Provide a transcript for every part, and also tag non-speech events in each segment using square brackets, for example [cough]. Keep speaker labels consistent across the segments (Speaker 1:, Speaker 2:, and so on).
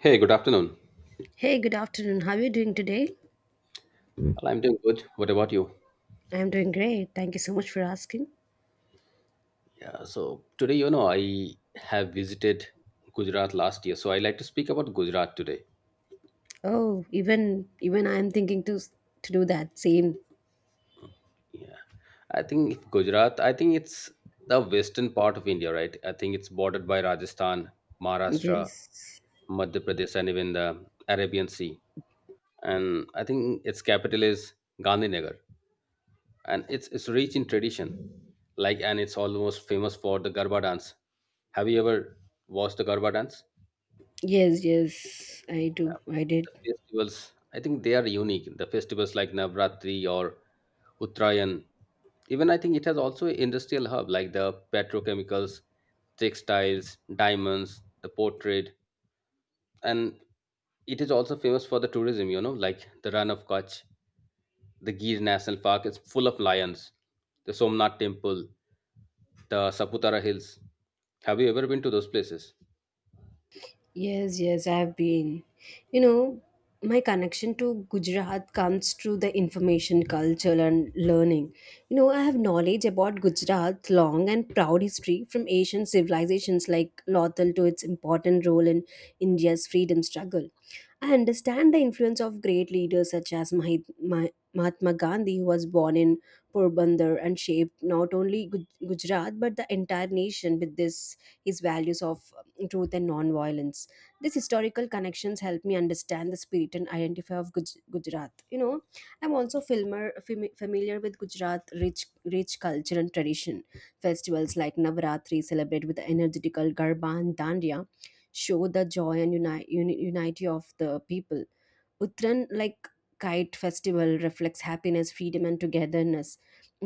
Speaker 1: Hey, good afternoon.
Speaker 2: Hey, good afternoon. How are you doing today?
Speaker 1: Well, I'm doing good. What about you?
Speaker 2: I'm doing great. Thank you so much for asking.
Speaker 1: Yeah, so today, I have visited Gujarat last year, so I like to speak about Gujarat today.
Speaker 2: Oh, even I'm thinking to do that same.
Speaker 1: Yeah, I think if Gujarat, I think it's the western part of India, right? I think it's bordered by Rajasthan, Maharashtra,
Speaker 2: Yes.
Speaker 1: Madhya Pradesh, and even the Arabian Sea. And I think its capital is Gandhinagar, and it's rich in tradition, like, and it's almost famous for the Garba dance. Have you ever watched the Garba dance?
Speaker 2: Yes, yes. I
Speaker 1: Yeah,
Speaker 2: do. I did.
Speaker 1: the festivals. I think they are unique. The festivals like Navratri or Uttarayan. Even I think it has also industrial hub like the petrochemicals, textiles, diamonds, the port trade, and it is also famous for the tourism. You know, like the Run of Kutch, the Gir National Park is full of lions. The Somnath Temple, the Saputara Hills. Have you ever been to those places?
Speaker 2: Yes, yes, I have been. You know, my connection to Gujarat comes through the information, culture, and learning. You know, I have knowledge about Gujarat's long and proud history from ancient civilizations like Lothal to its important role in India's freedom struggle. I understand the influence of great leaders such as Mahatma Gandhi, who was born in Porbandar and shaped not only Gujarat but the entire nation with this his values of truth and non-violence. These historical connections help me understand the spirit and identity of Gujarat. You know, I'm also filmer, fam familiar with Gujarat rich culture and tradition. Festivals like Navratri celebrated with the energetical Garba and Dandiya show the joy and unity of the people. Uttran like kite festival reflects happiness, freedom, and togetherness.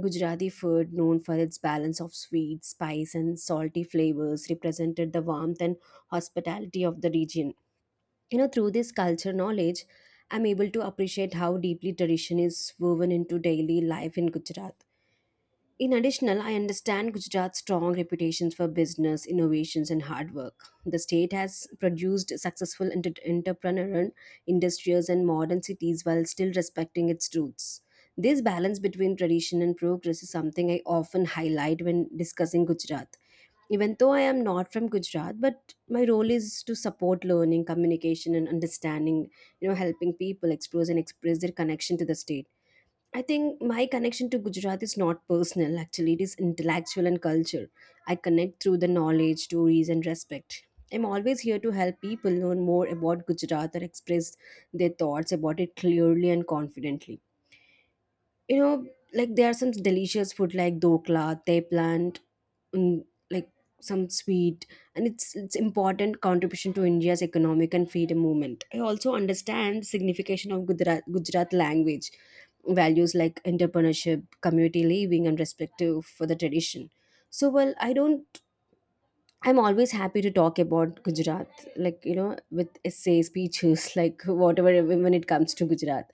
Speaker 2: Gujarati food, known for its balance of sweet, spice, and salty flavors, represented the warmth and hospitality of the region. You know, through this culture knowledge, I'm able to appreciate how deeply tradition is woven into daily life in Gujarat. In additional, I understand Gujarat's strong reputations for business, innovations, and hard work. The state has produced successful entrepreneur industries and modern cities while still respecting its roots. This balance between tradition and progress is something I often highlight when discussing Gujarat. Even though I am not from Gujarat, but my role is to support learning, communication, and understanding, you know, helping people explore and express their connection to the state. I think my connection to Gujarat is not personal, actually, it is intellectual and culture. I connect through the knowledge, stories, and respect. I'm always here to help people learn more about Gujarat or express their thoughts about it clearly and confidently. You know, like there are some delicious food like dokla, they plant, mm, like some sweet, and it's important contribution to India's economic and freedom movement. I also understand signification of Gujarat, Gujarat language values like entrepreneurship, community living, and respect for the tradition. So, I don't. I'm always happy to talk about Gujarat, like you know, with essays, speeches, [laughs] like whatever when it comes to Gujarat.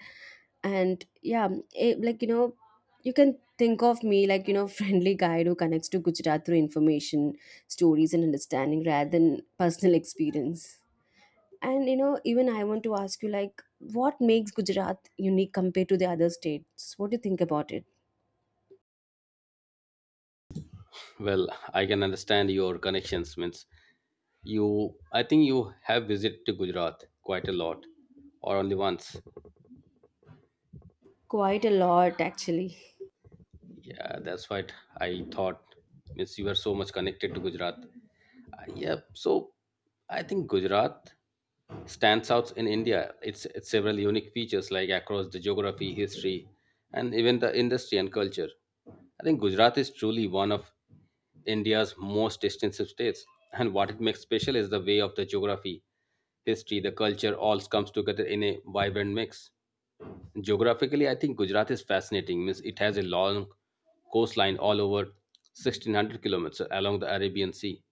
Speaker 2: And yeah, it, like you know, you can think of me like you know, [laughs] friendly guide who connects to Gujarat through information, stories, and understanding rather than personal experience. And you know, even I want to ask you, like, what makes Gujarat unique compared to the other states? What do you think about it?
Speaker 1: Well, I can understand your connections. Means You, I think you have visited to Gujarat quite a lot, or only once.
Speaker 2: Quite a lot, actually.
Speaker 1: Yeah, that's what I thought. Means you are so much connected to Gujarat. Yep. So I think Gujarat stands out in India. It's several unique features like across the geography, history, and even the industry and culture. I think Gujarat is truly one of India's most extensive states, and what it makes special is the way of the geography, history, the culture all comes together in a vibrant mix. Geographically, I think Gujarat is fascinating. Means it has a long coastline all over 1600 kilometers along the Arabian Sea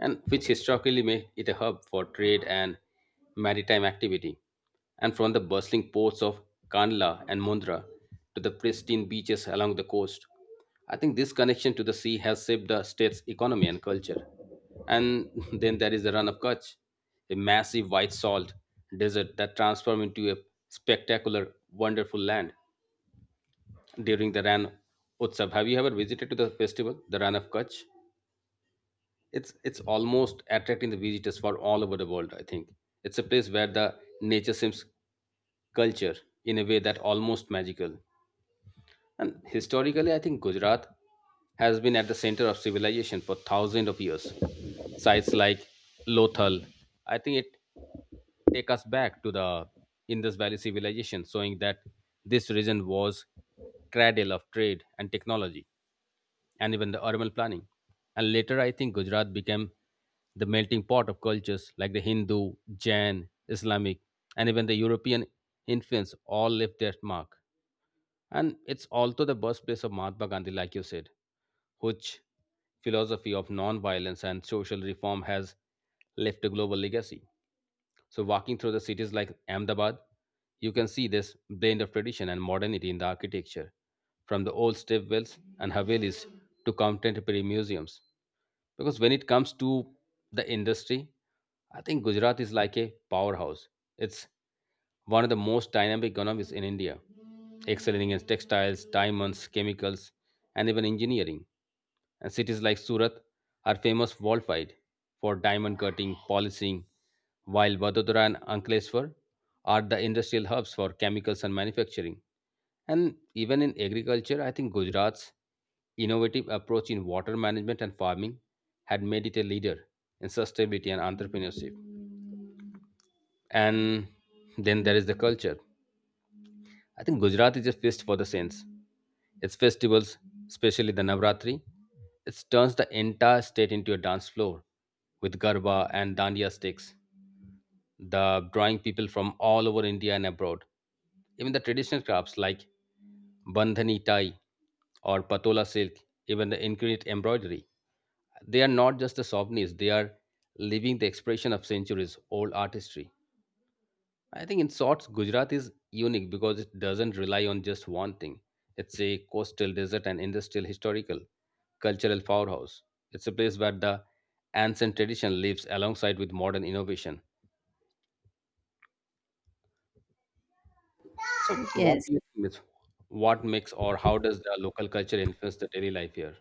Speaker 1: and which historically made it a hub for trade and maritime activity. And from the bustling ports of Kandla and Mundra to the pristine beaches along the coast, I think this connection to the sea has shaped the state's economy and culture. And [laughs] then there is the Run of Kutch, a massive white salt desert that transformed into a spectacular, wonderful land during the Ran Utsav. Have you ever visited to the festival, the Ran of Kutch? It's almost attracting the visitors from all over the world. I think it's a place where the nature seems culture in a way that almost magical. And historically, I think Gujarat has been at the center of civilization for thousands of years. Sites like Lothal, I think it take us back to the Indus Valley civilization, showing that this region was cradle of trade and technology and even the urban planning. And later, I think Gujarat became the melting pot of cultures like the Hindu, Jain, Islamic, and even the European influence all left their mark. And it's also the birthplace of Mahatma Gandhi, like you said, which philosophy of non-violence and social reform has left a global legacy. So, walking through the cities like Ahmedabad, you can see this blend of tradition and modernity in the architecture, from the old stepwells and havelis to contemporary museums. Because when it comes to the industry, I think Gujarat is like a powerhouse. It's one of the most dynamic economies in India, excelling in textiles, diamonds, chemicals, and even engineering. And cities like Surat are famous worldwide for diamond cutting, polishing, while Vadodara and Ankleshwar are the industrial hubs for chemicals and manufacturing. And even in agriculture, I think Gujarat's innovative approach in water management and farming had made it a leader in sustainability and entrepreneurship. And then there is the culture. I think Gujarat is a feast for the saints. Its festivals, especially the Navratri, it turns the entire state into a dance floor with garba and dandiya sticks. The drawing people from all over India and abroad. Even the traditional crafts like bandhani tie or patola silk, even the intricate embroidery, they are not just the souvenirs; they are living the expression of centuries old artistry. I think, in short, Gujarat is unique because it doesn't rely on just one thing. It's a coastal, desert, and industrial, historical, cultural powerhouse. It's a place where the ancient tradition lives alongside with modern innovation. So, what
Speaker 2: Yes.
Speaker 1: do you think, Miss? What makes or how does the local culture influence the daily life here?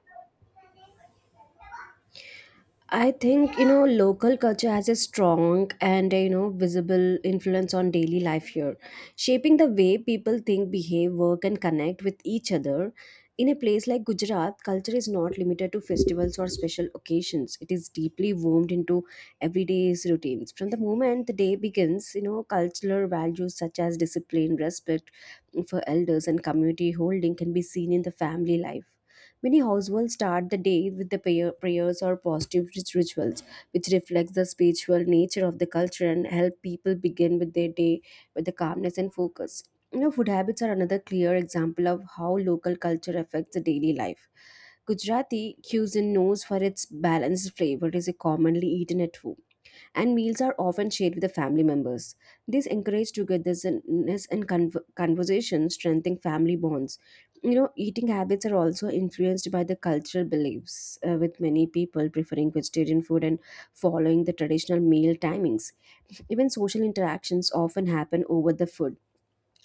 Speaker 2: I think you know local culture has a strong and you know visible influence on daily life here, shaping the way people think, behave, work, and connect with each other. In a place like Gujarat, culture is not limited to festivals or special occasions. It is deeply woven into everyday's routines. From the moment the day begins, you know, cultural values such as discipline, respect for elders, and community holding can be seen in the family life. Many households start the day with the prayer, prayers or positive rituals, which reflects the spiritual nature of the culture and help people begin with their day with the calmness and focus. You know, food habits are another clear example of how local culture affects the daily life. Gujarati cuisine knows for its balanced flavor is commonly eaten at home and meals are often shared with the family members. This encourages togetherness and conversation, strengthening family bonds. You know, eating habits are also influenced by the cultural beliefs, with many people preferring vegetarian food and following the traditional meal timings. Even social interactions often happen over the food,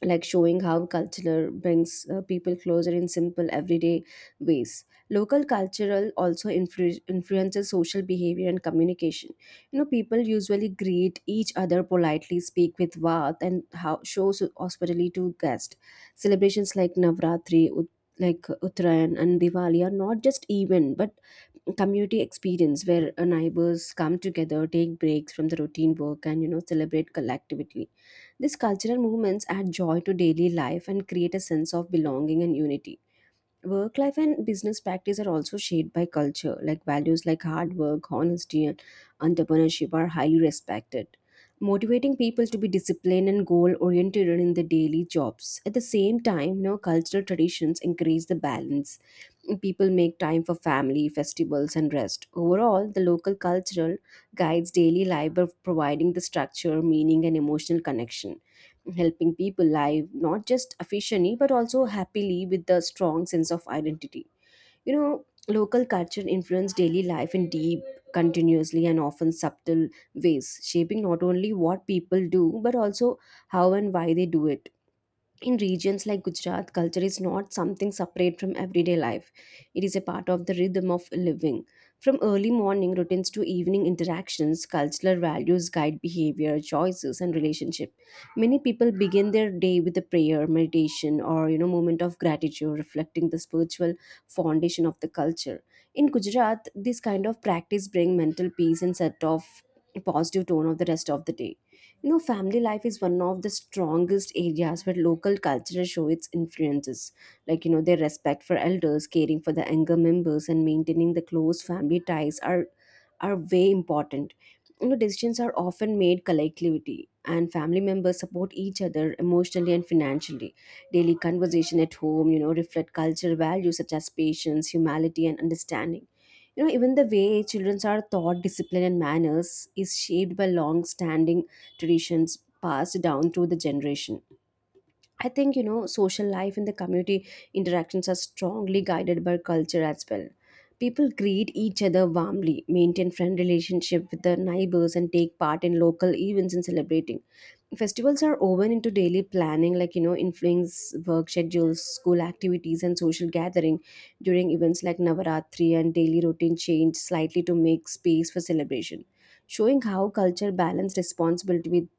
Speaker 2: like showing how culture brings people closer in simple everyday ways. Local cultural also influences social behavior and communication. You know, people usually greet each other politely, speak with warmth and how shows hospitality to guests. Celebrations like Navratri, Uttarayan and Diwali are not just event but community experience where neighbors come together, take breaks from the routine work and you know celebrate collectively. These cultural movements add joy to daily life and create a sense of belonging and unity. Work life and business practice are also shaped by culture, like values like hard work, honesty, and entrepreneurship are highly respected. Motivating people to be disciplined and goal oriented in their daily jobs. At the same time, you know, cultural traditions encourage the balance. People make time for family, festivals, and rest. Overall, the local cultural guides daily life by providing the structure, meaning, and emotional connection, helping people live not just efficiently but also happily with a strong sense of identity. You know, local culture influence daily life in deep, continuously and often subtle ways, shaping not only what people do but also how and why they do it. In regions like Gujarat, culture is not something separate from everyday life. It is a part of the rhythm of living. From early morning routines to evening interactions, cultural values guide behavior, choices, and relationship. Many people begin their day with a prayer, meditation, or you know, moment of gratitude, reflecting the spiritual foundation of the culture. In Gujarat, this kind of practice bring mental peace and set off a positive tone of the rest of the day. You know, family life is one of the strongest areas where local culture show its influences. Like, you know, their respect for elders, caring for the younger members, and maintaining the close family ties are way important. You know, decisions are often made collectively, and family members support each other emotionally and financially. Daily conversation at home, you know, reflect cultural values such as patience, humility, and understanding. You know, even the way children are taught discipline and manners is shaped by long standing traditions passed down through the generation. I think you know social life and the community interactions are strongly guided by culture as well. People greet each other warmly, maintain friend relationship with their neighbors and take part in local events and celebrating. Festivals are woven into daily planning, like you know influence work schedules, school activities and social gathering. During events like Navaratri, and daily routine change slightly to make space for celebration, showing how culture balance responsibility with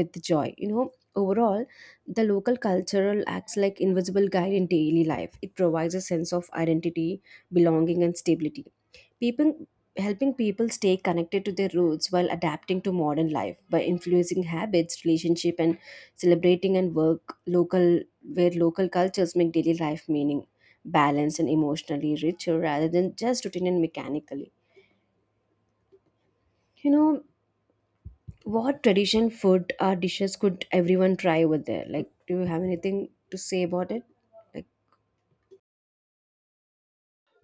Speaker 2: with joy. You know, overall, the local cultural acts like invisible guide in daily life. It provides a sense of identity, belonging and stability. People Helping people stay connected to their roots while adapting to modern life by influencing habits, relationship and celebrating and work local, where local cultures make daily life meaning, balanced and emotionally richer rather than just routine and mechanically. You know, what tradition food or dishes could everyone try over there, like do you have anything to say about it? Like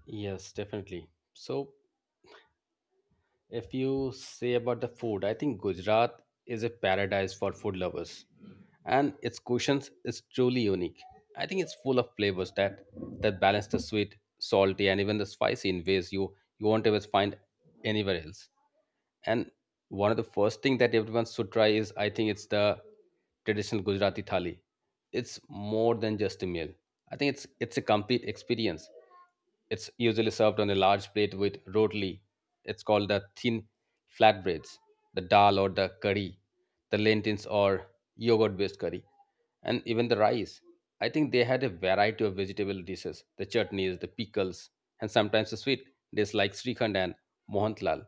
Speaker 1: Yes, definitely. So, if you say about the food, I think Gujarat is a paradise for food lovers, and its cuisines is truly unique. I think it's full of flavors that balance the sweet, salty, and even the spicy in ways you won't ever find anywhere else. And one of the first thing that everyone should try is I think it's the traditional Gujarati thali. It's more than just a meal. I think it's a complete experience. It's usually served on a large plate with rotli. It's called the thin flatbreads, the dal or the curry, the lentils or yogurt based curry, and even the rice. I think they had a variety of vegetable dishes, the chutneys, the pickles, and sometimes the sweet dishes like Srikhand and Mohantlal.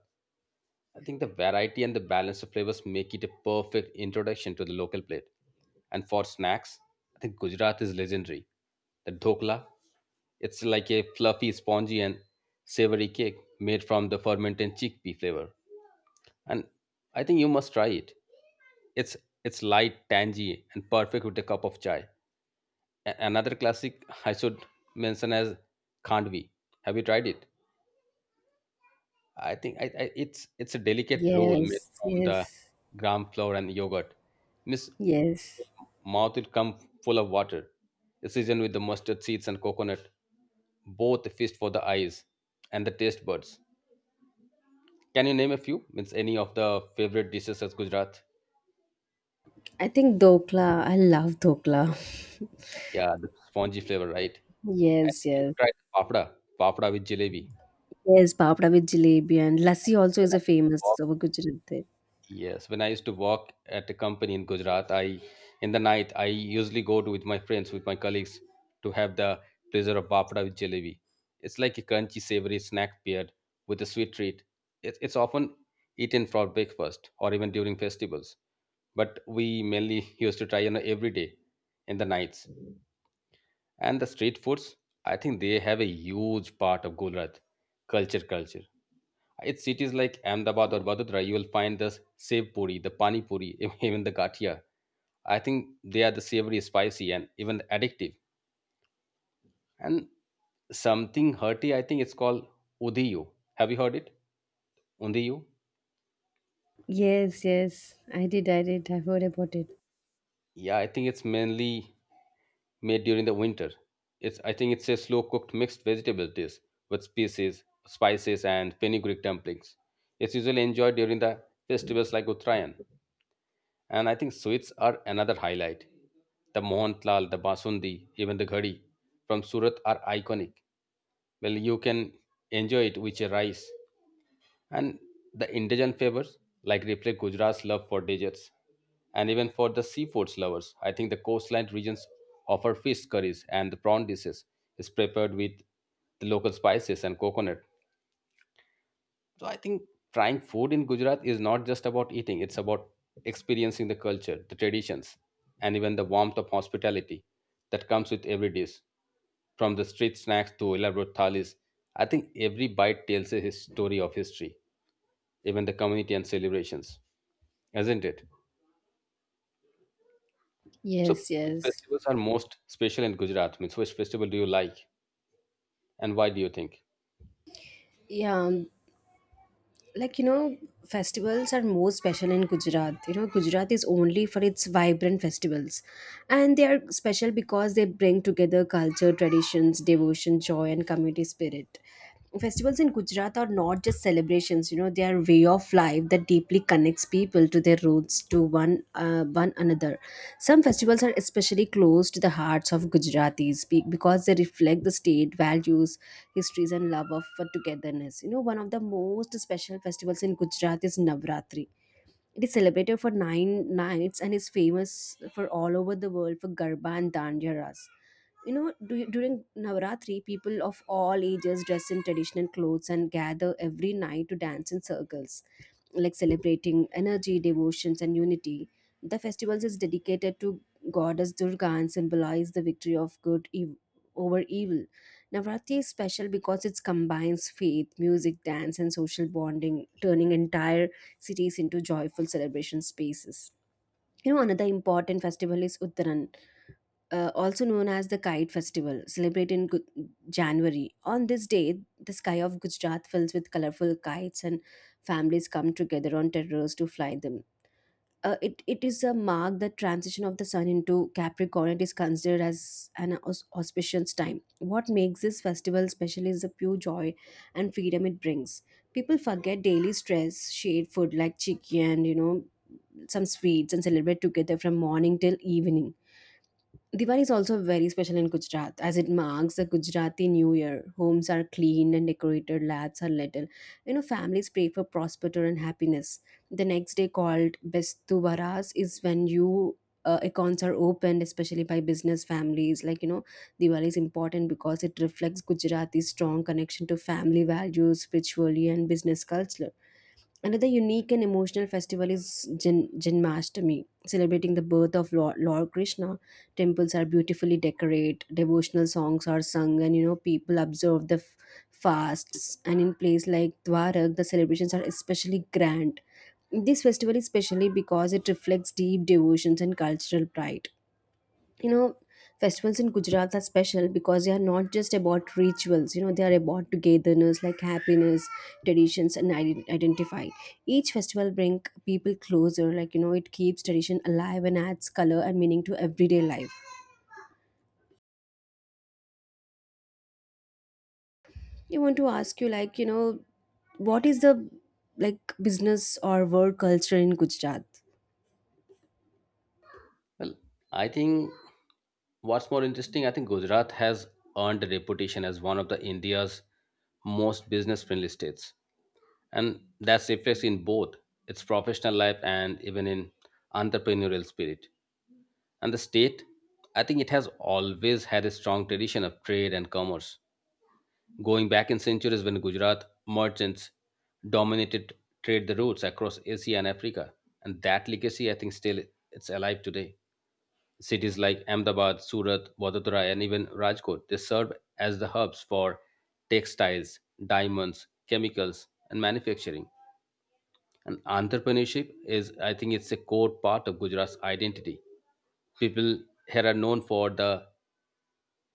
Speaker 1: I think the variety and the balance of flavors make it a perfect introduction to the local plate. And for snacks, I think Gujarat is legendary. The dhokla, it's like a fluffy, spongy, and savory cake made from the fermented chickpea flavor. And I think you must try it. It's it's light, tangy, and perfect with a cup of chai. Another classic I should mention as khandvi. Have you tried it? I think I, it's a delicate roll made
Speaker 2: yes,
Speaker 1: from the
Speaker 2: yes,
Speaker 1: gram flour and yogurt. Miss
Speaker 2: yes.
Speaker 1: mouth will come full of water. The season with the mustard seeds and coconut, both a feast for the eyes and the taste buds. Can you name a few? Means any of the favorite dishes at Gujarat?
Speaker 2: I think dokla, I love dokla.
Speaker 1: Yeah, the spongy flavor, right?
Speaker 2: [laughs]
Speaker 1: And
Speaker 2: Yes,
Speaker 1: if you
Speaker 2: yes.
Speaker 1: tried papda, papda with jalebi.
Speaker 2: Yes, papda with jalebi and lassi also
Speaker 1: When
Speaker 2: is
Speaker 1: I
Speaker 2: a
Speaker 1: used to
Speaker 2: famous
Speaker 1: walk,
Speaker 2: over Gujarat there.
Speaker 1: yes, when I used to work at a company in Gujarat, I in the night I usually go to with my friends, with my colleagues, to have the pleasure of bafda with jalebi. It's like a crunchy, savory snack paired with a sweet treat. It's often eaten for breakfast or even during festivals, but we mainly used to try, you know, every day in the nights. And the street foods, I think they have a huge part of Gujarat culture. At cities like Ahmedabad or Vadodara, you will find the sev puri, the pani puri, [laughs] even the gatia. I think they are the savory, spicy, and even addictive. And something hearty, I think it's called udiyu. Have you heard it? Undiyu?
Speaker 2: Yes, yes. I did, I did. I heard about it.
Speaker 1: Yeah, I think it's mainly made during the winter. It's I think it's a slow cooked mixed vegetable dish with species, spices, and fenugreek dumplings. It's usually enjoyed during the festivals like Uttarayan. And I think sweets are another highlight. The Mohanlal, the Basundi, even the Ghadi from Surat are iconic. Well, you can enjoy it with your rice. And the indigent flavors, like reflect Gujarat's love for desserts. And even for the seafoods lovers, I think the coastline regions offer fish curries and the prawn dishes is prepared with the local spices and coconut. So I think trying food in Gujarat is not just about eating, it's about experiencing the culture, the traditions, and even the warmth of hospitality that comes with every dish. From the street snacks to elaborate thalis, I think every bite tells a his story of history, even the community and celebrations, isn't it? So,
Speaker 2: Yes,
Speaker 1: which
Speaker 2: yes.
Speaker 1: festivals are most special in Gujarat? Means, which festival do you like and why do you think?
Speaker 2: Yeah, like you know, festivals are more special in Gujarat. You know, Gujarat is only for its vibrant festivals. And they are special because they bring together culture, traditions, devotion, joy, and community spirit. Festivals in Gujarat are not just celebrations, you know, they are way of life. Life that deeply connects people to their roots to one one another. Some festivals are especially close to the hearts of Gujaratis because they reflect the state values, histories, and love of togetherness. You know, one of the most special festivals in Gujarat is Navratri. It is celebrated for 9 nights and is famous for all over the world for Garba and Dandiya Ras. You know, during Navaratri, people of all ages dress in traditional clothes and gather every night to dance in circles, like celebrating energy, devotions and unity. The festival is dedicated to goddess Durga and symbolize the victory of good over evil. Navratri is special because it combines faith, music, dance and social bonding, turning entire cities into joyful celebration spaces. You know, another important festival is Uttaran, also known as the Kite Festival, celebrated in January. On this day, the sky of Gujarat fills with colorful kites, and families come together on terraces to fly them. It is a mark the transition of the sun into Capricorn. It is considered as an auspicious time. What makes this festival special is the pure joy and freedom it brings. People forget daily stress, shared food like chicken, you know, some sweets, and celebrate together from morning till evening. Diwali is also very special in Gujarat as it marks the Gujarati New Year. Homes are cleaned and decorated, lads are little. You know, families pray for prosperity and happiness. The next day, called Bestu Baras, is when you accounts are opened, especially by business families. Diwali is important because it reflects Gujarati's strong connection to family values, spirituality, and business culture. Another unique and emotional festival is Janmashtami, celebrating the birth of Lord Krishna. Temples are beautifully decorated, devotional songs are sung, and people observe the fasts. And in places like Dwarak, the celebrations are especially grand. This festival is specially because it reflects deep devotions and cultural pride you know Festivals in Gujarat are special because they are not just about rituals; they are about togetherness, like happiness, traditions, and identify. Each festival bring people closer, it keeps tradition alive and adds color and meaning to everyday life. I want to ask you, like you know what is the, like, business or work culture in Gujarat?
Speaker 1: I think what's more interesting, I think Gujarat has earned a reputation as one of the India's most business friendly states. And that's reflected in both its professional life and even in entrepreneurial spirit. And the state, I think it has always had a strong tradition of trade and commerce. Going back in centuries when Gujarat merchants dominated trade the routes across Asia and Africa. And that legacy I think still it's alive today. Cities like Ahmedabad, Surat, Vadodara, and even Rajkot, they served as the hubs for textiles, diamonds, chemicals, and manufacturing. And entrepreneurship is, I think, it's a core part of Gujarat's identity. People here are known for the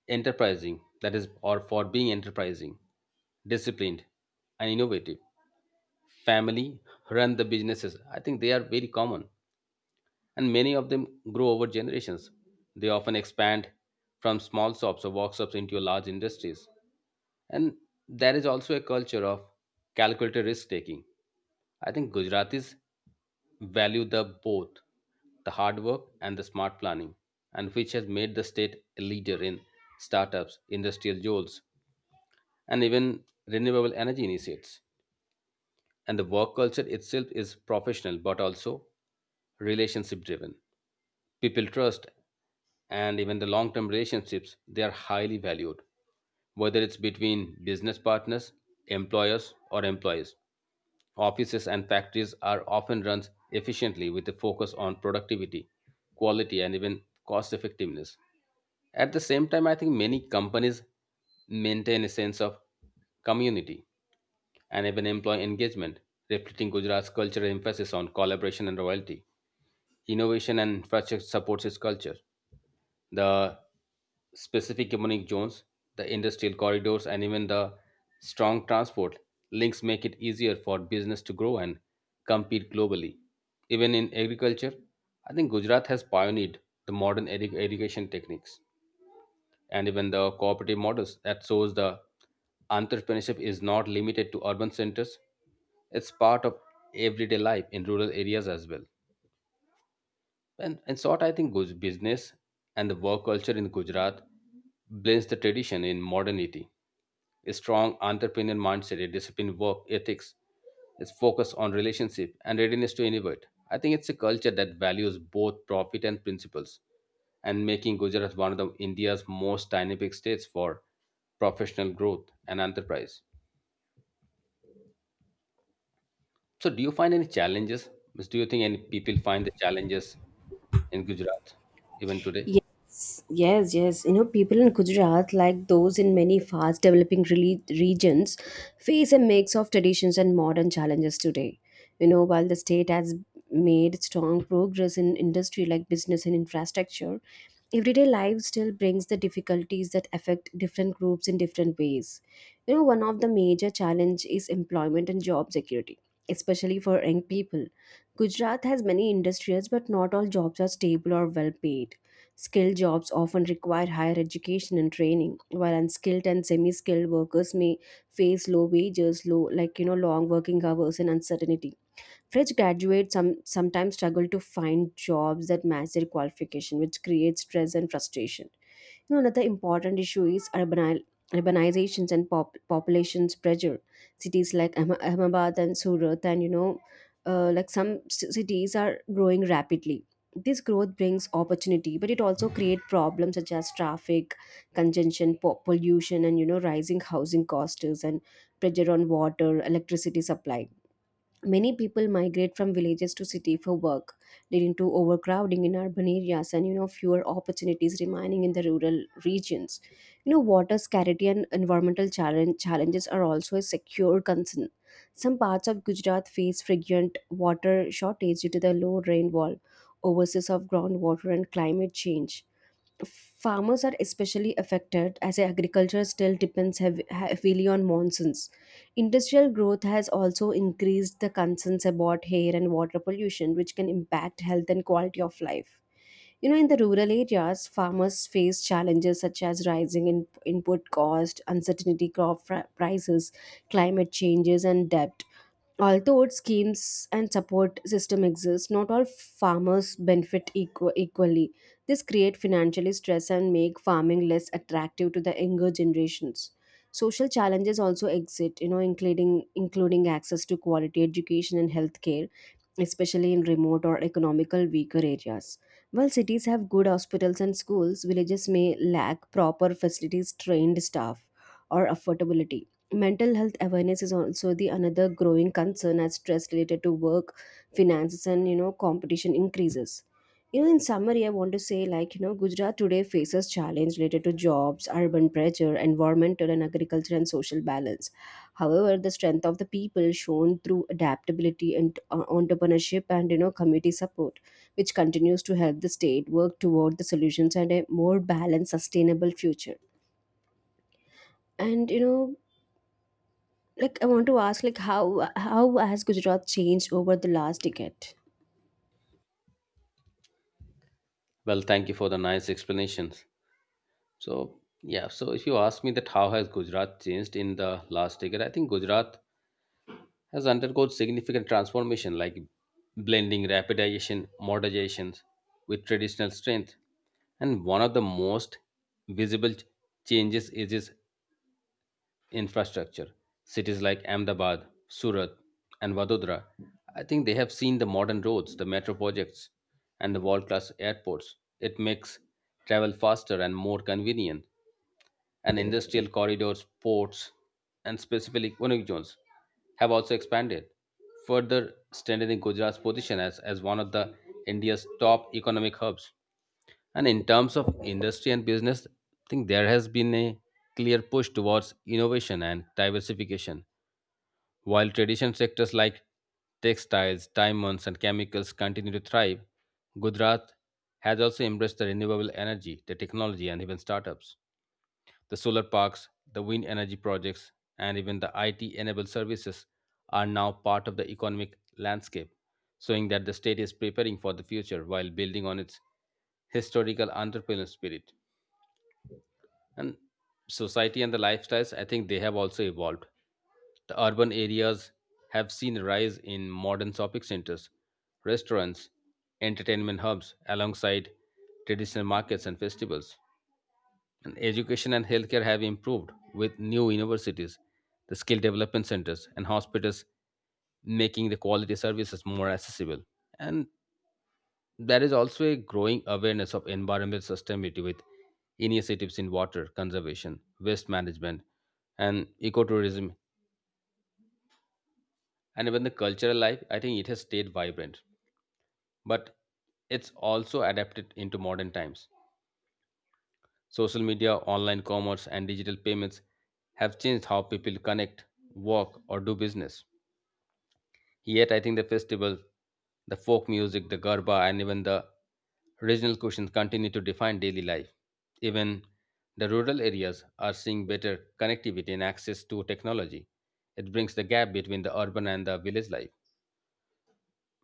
Speaker 1: enterprising, that is, or for being enterprising, disciplined, and innovative. Family run the businesses. I think they are very common. And many of them grow over generations. They often expand from small shops or workshops into large industries. And there is also a culture of calculated risk taking. I think Gujaratis value the both the hard work and the smart planning, and which has made the state a leader in startups, industrial jolts, and even renewable energy initiates. And the work culture itself is professional but also relationship driven, people trust, and even the long-term relationships, they are highly valued, whether it's between business partners, employers or employees. Offices and factories are often run efficiently with a focus on productivity, quality, and even cost effectiveness. At the same time, I think many companies maintain a sense of community and even employee engagement, reflecting Gujarat's cultural emphasis on collaboration and loyalty. Innovation and infrastructure supports its culture. The specific economic zones, the industrial corridors, and even the strong transport links make it easier for business to grow and compete globally. Even in agriculture, I think Gujarat has pioneered the modern irrigation techniques and even the cooperative models that shows the entrepreneurship is not limited to urban centers. It's part of everyday life in rural areas as well. And in short, I think business and the work culture in Gujarat blends the tradition in modernity. A strong entrepreneur mindset, a disciplined work ethics, its focus on relationship and readiness to innovate. I think it's a culture that values both profit and principles, and making Gujarat one of the India's most dynamic states for professional growth and enterprise. So, do you find any challenges? Miss, do you think any people find the challenges in Gujarat even today?
Speaker 2: Yes, yes, yes. People in Gujarat, like those in many fast developing regions, face a mix of traditions and modern challenges today. While the state has made strong progress in industry like business and infrastructure, everyday life still brings the difficulties that affect different groups in different ways. One of the major challenge is employment and job security, especially for young people. Gujarat has many industries, but not all jobs are stable or well paid. Skilled jobs often require higher education and training, while unskilled and semi-skilled workers may face low wages, low long working hours and uncertainty. Fresh graduates sometimes struggle to find jobs that match their qualification, which creates stress and frustration. Another important issue is urbanizations and populations pressure. Cities like Ahmedabad and Surat, and like some cities are growing rapidly. This growth brings opportunity, but it also creates problems such as traffic congestion, pollution, and rising housing costs and pressure on water electricity supply. Many people migrate from villages to city for work, leading to overcrowding in urban areas, and fewer opportunities remaining in the rural regions. Water scarcity and environmental challenges are also a secure concern. Some parts of Gujarat face frequent water shortage due to the low rainfall, overseas of groundwater, and climate change. Farmers are especially affected as agriculture still depends heavily on monsoons. Industrial growth has also increased the concerns about air and water pollution, which can impact health and quality of life. In the rural areas, farmers face challenges such as rising input cost, uncertainty crop prices, climate changes, and debt. Although schemes and support system exist, not all farmers benefit equally. This create financially stress and make farming less attractive to the younger generations. Social challenges also exist, including access to quality education and healthcare, especially in remote or economical weaker areas. While cities have good hospitals and schools, villages may lack proper facilities, trained staff, or affordability. Mental health awareness is also the another growing concern as stress related to work, finances, and competition increases. In summary, I want to say, Gujarat today faces challenge related to jobs, urban pressure, environmental and agriculture and social balance. However, the strength of the people shown through adaptability and entrepreneurship and community support, which continues to help the state work toward the solutions and a more balanced, sustainable future. And you know, like I want to ask, like, how has Gujarat changed over the last decade?
Speaker 1: Well, thank you for the nice explanations. So, yeah, so if you ask me that how has Gujarat changed in the last decade, I think Gujarat has undergone significant transformation like blending rapidization, modernizations with traditional strength. And one of the most visible changes is its infrastructure. Cities like Ahmedabad, Surat, and Vadodara, I think they have seen the modern roads, the metro projects, and the world class airports. It makes travel faster and more convenient. And industrial corridors, ports, and specifically economic zones have also expanded, further strengthening Gujarat's position as one of the India's top economic hubs. And in terms of industry and business, I think there has been a clear push towards innovation and diversification. While traditional sectors like textiles, diamonds, and chemicals continue to thrive, Gujarat has also embraced the renewable energy, the technology, and even startups. The solar parks, the wind energy projects, and even the IT enabled services are now part of the economic landscape, showing that the state is preparing for the future while building on its historical entrepreneurial spirit. And society and the lifestyles, I think they have also evolved. The urban areas have seen a rise in modern shopping centers, restaurants, entertainment hubs, alongside traditional markets and festivals. And education and healthcare have improved with new universities, the skill development centers, and hospitals making the quality services more accessible. And there is also a growing awareness of environmental sustainability with initiatives in water conservation, waste management, and ecotourism. And even the cultural life, I think it has stayed vibrant, but it's also adapted into modern times. Social media, online commerce, and digital payments have changed how people connect, work, or do business. Yet, I think the festival, the folk music, the garba, and even the regional cuisine continue to define daily life. Even the rural areas are seeing better connectivity and access to technology. It brings the gap between the urban and the village life.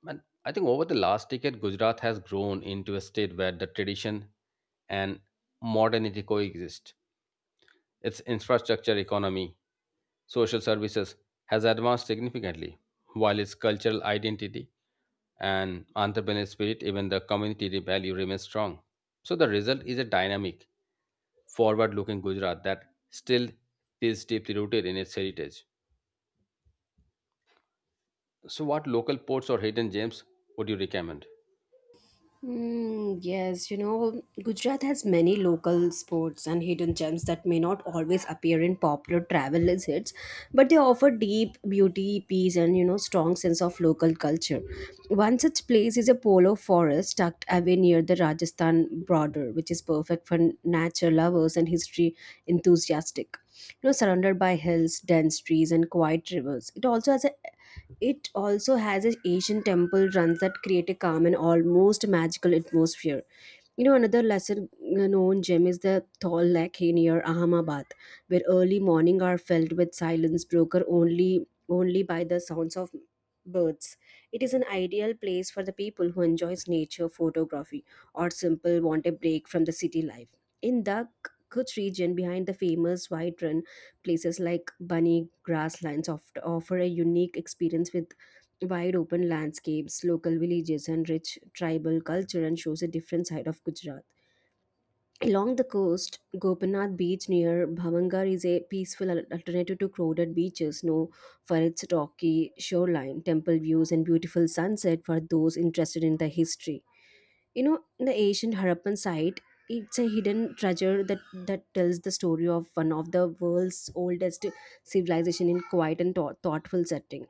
Speaker 1: And I think over the last decade, Gujarat has grown into a state where the tradition and modernity coexist. Its infrastructure economy, social services has advanced significantly, while its cultural identity and entrepreneurial spirit, even the community value remains strong. So the result is a dynamic, forward-looking Gujarat that still is deeply rooted in its heritage. So what local ports or hidden gems would you recommend?
Speaker 2: Mm, yes, Gujarat has many local sports and hidden gems that may not always appear in popular travel list hits, but they offer deep beauty, peace, and strong sense of local culture. One such place is a polo forest tucked away near the Rajasthan border, which is perfect for nature lovers and history enthusiastic. Surrounded by hills, dense trees, and quiet rivers, it also has an Asian temple runs that create a calm and almost magical atmosphere. Another lesser known gem is the Thal Lake near Ahmedabad, where early morning are filled with silence broken only by the sounds of birds. It is an ideal place for the people who enjoys nature photography or simple want a break from the city life. In the Kutch region behind the famous white run, places like bunny grasslands offer a unique experience with wide open landscapes, local villages, and rich tribal culture and shows a different side of Gujarat. Along the coast, Gopinath Beach near Bhavangar is a peaceful alternative to crowded beaches, known for its rocky shoreline, temple views, and beautiful sunset for those interested in the history. In the ancient Harappan site, it's a hidden treasure that tells the story of one of the world's oldest civilization in quiet and thoughtful setting.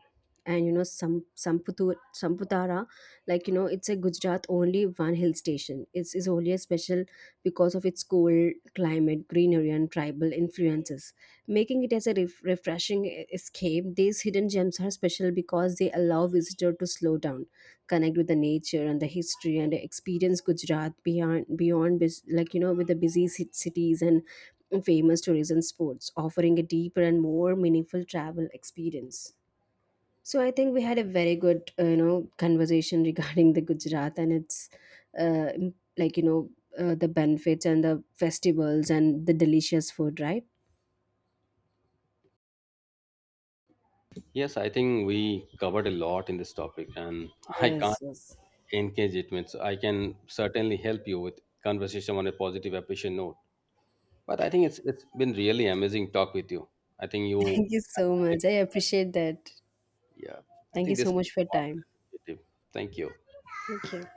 Speaker 2: And Samputara, it's a Gujarat only one hill station. It's only a special because of its cold climate, greenery, and tribal influences, making it as a refreshing escape. These hidden gems are special because they allow visitor to slow down, connect with the nature and the history, and experience Gujarat beyond with the busy cities and famous tourism spots, offering a deeper and more meaningful travel experience. So I think we had a very good conversation [laughs] regarding the Gujarat and its uh, im- like you know the benefits and the festivals and the delicious food, right?
Speaker 1: Yes, I think we covered a lot in this topic and I
Speaker 2: Yes,
Speaker 1: can't
Speaker 2: yes.
Speaker 1: engage it. Means I can certainly help you with conversation on a positive, efficient note. But I think it's been really amazing talk with you. I think you.
Speaker 2: Thank you so much. I appreciate that.
Speaker 1: Yeah, I
Speaker 2: Thank you
Speaker 1: think this
Speaker 2: so
Speaker 1: is
Speaker 2: much for your time.
Speaker 1: one. Thank you.
Speaker 2: Thank you.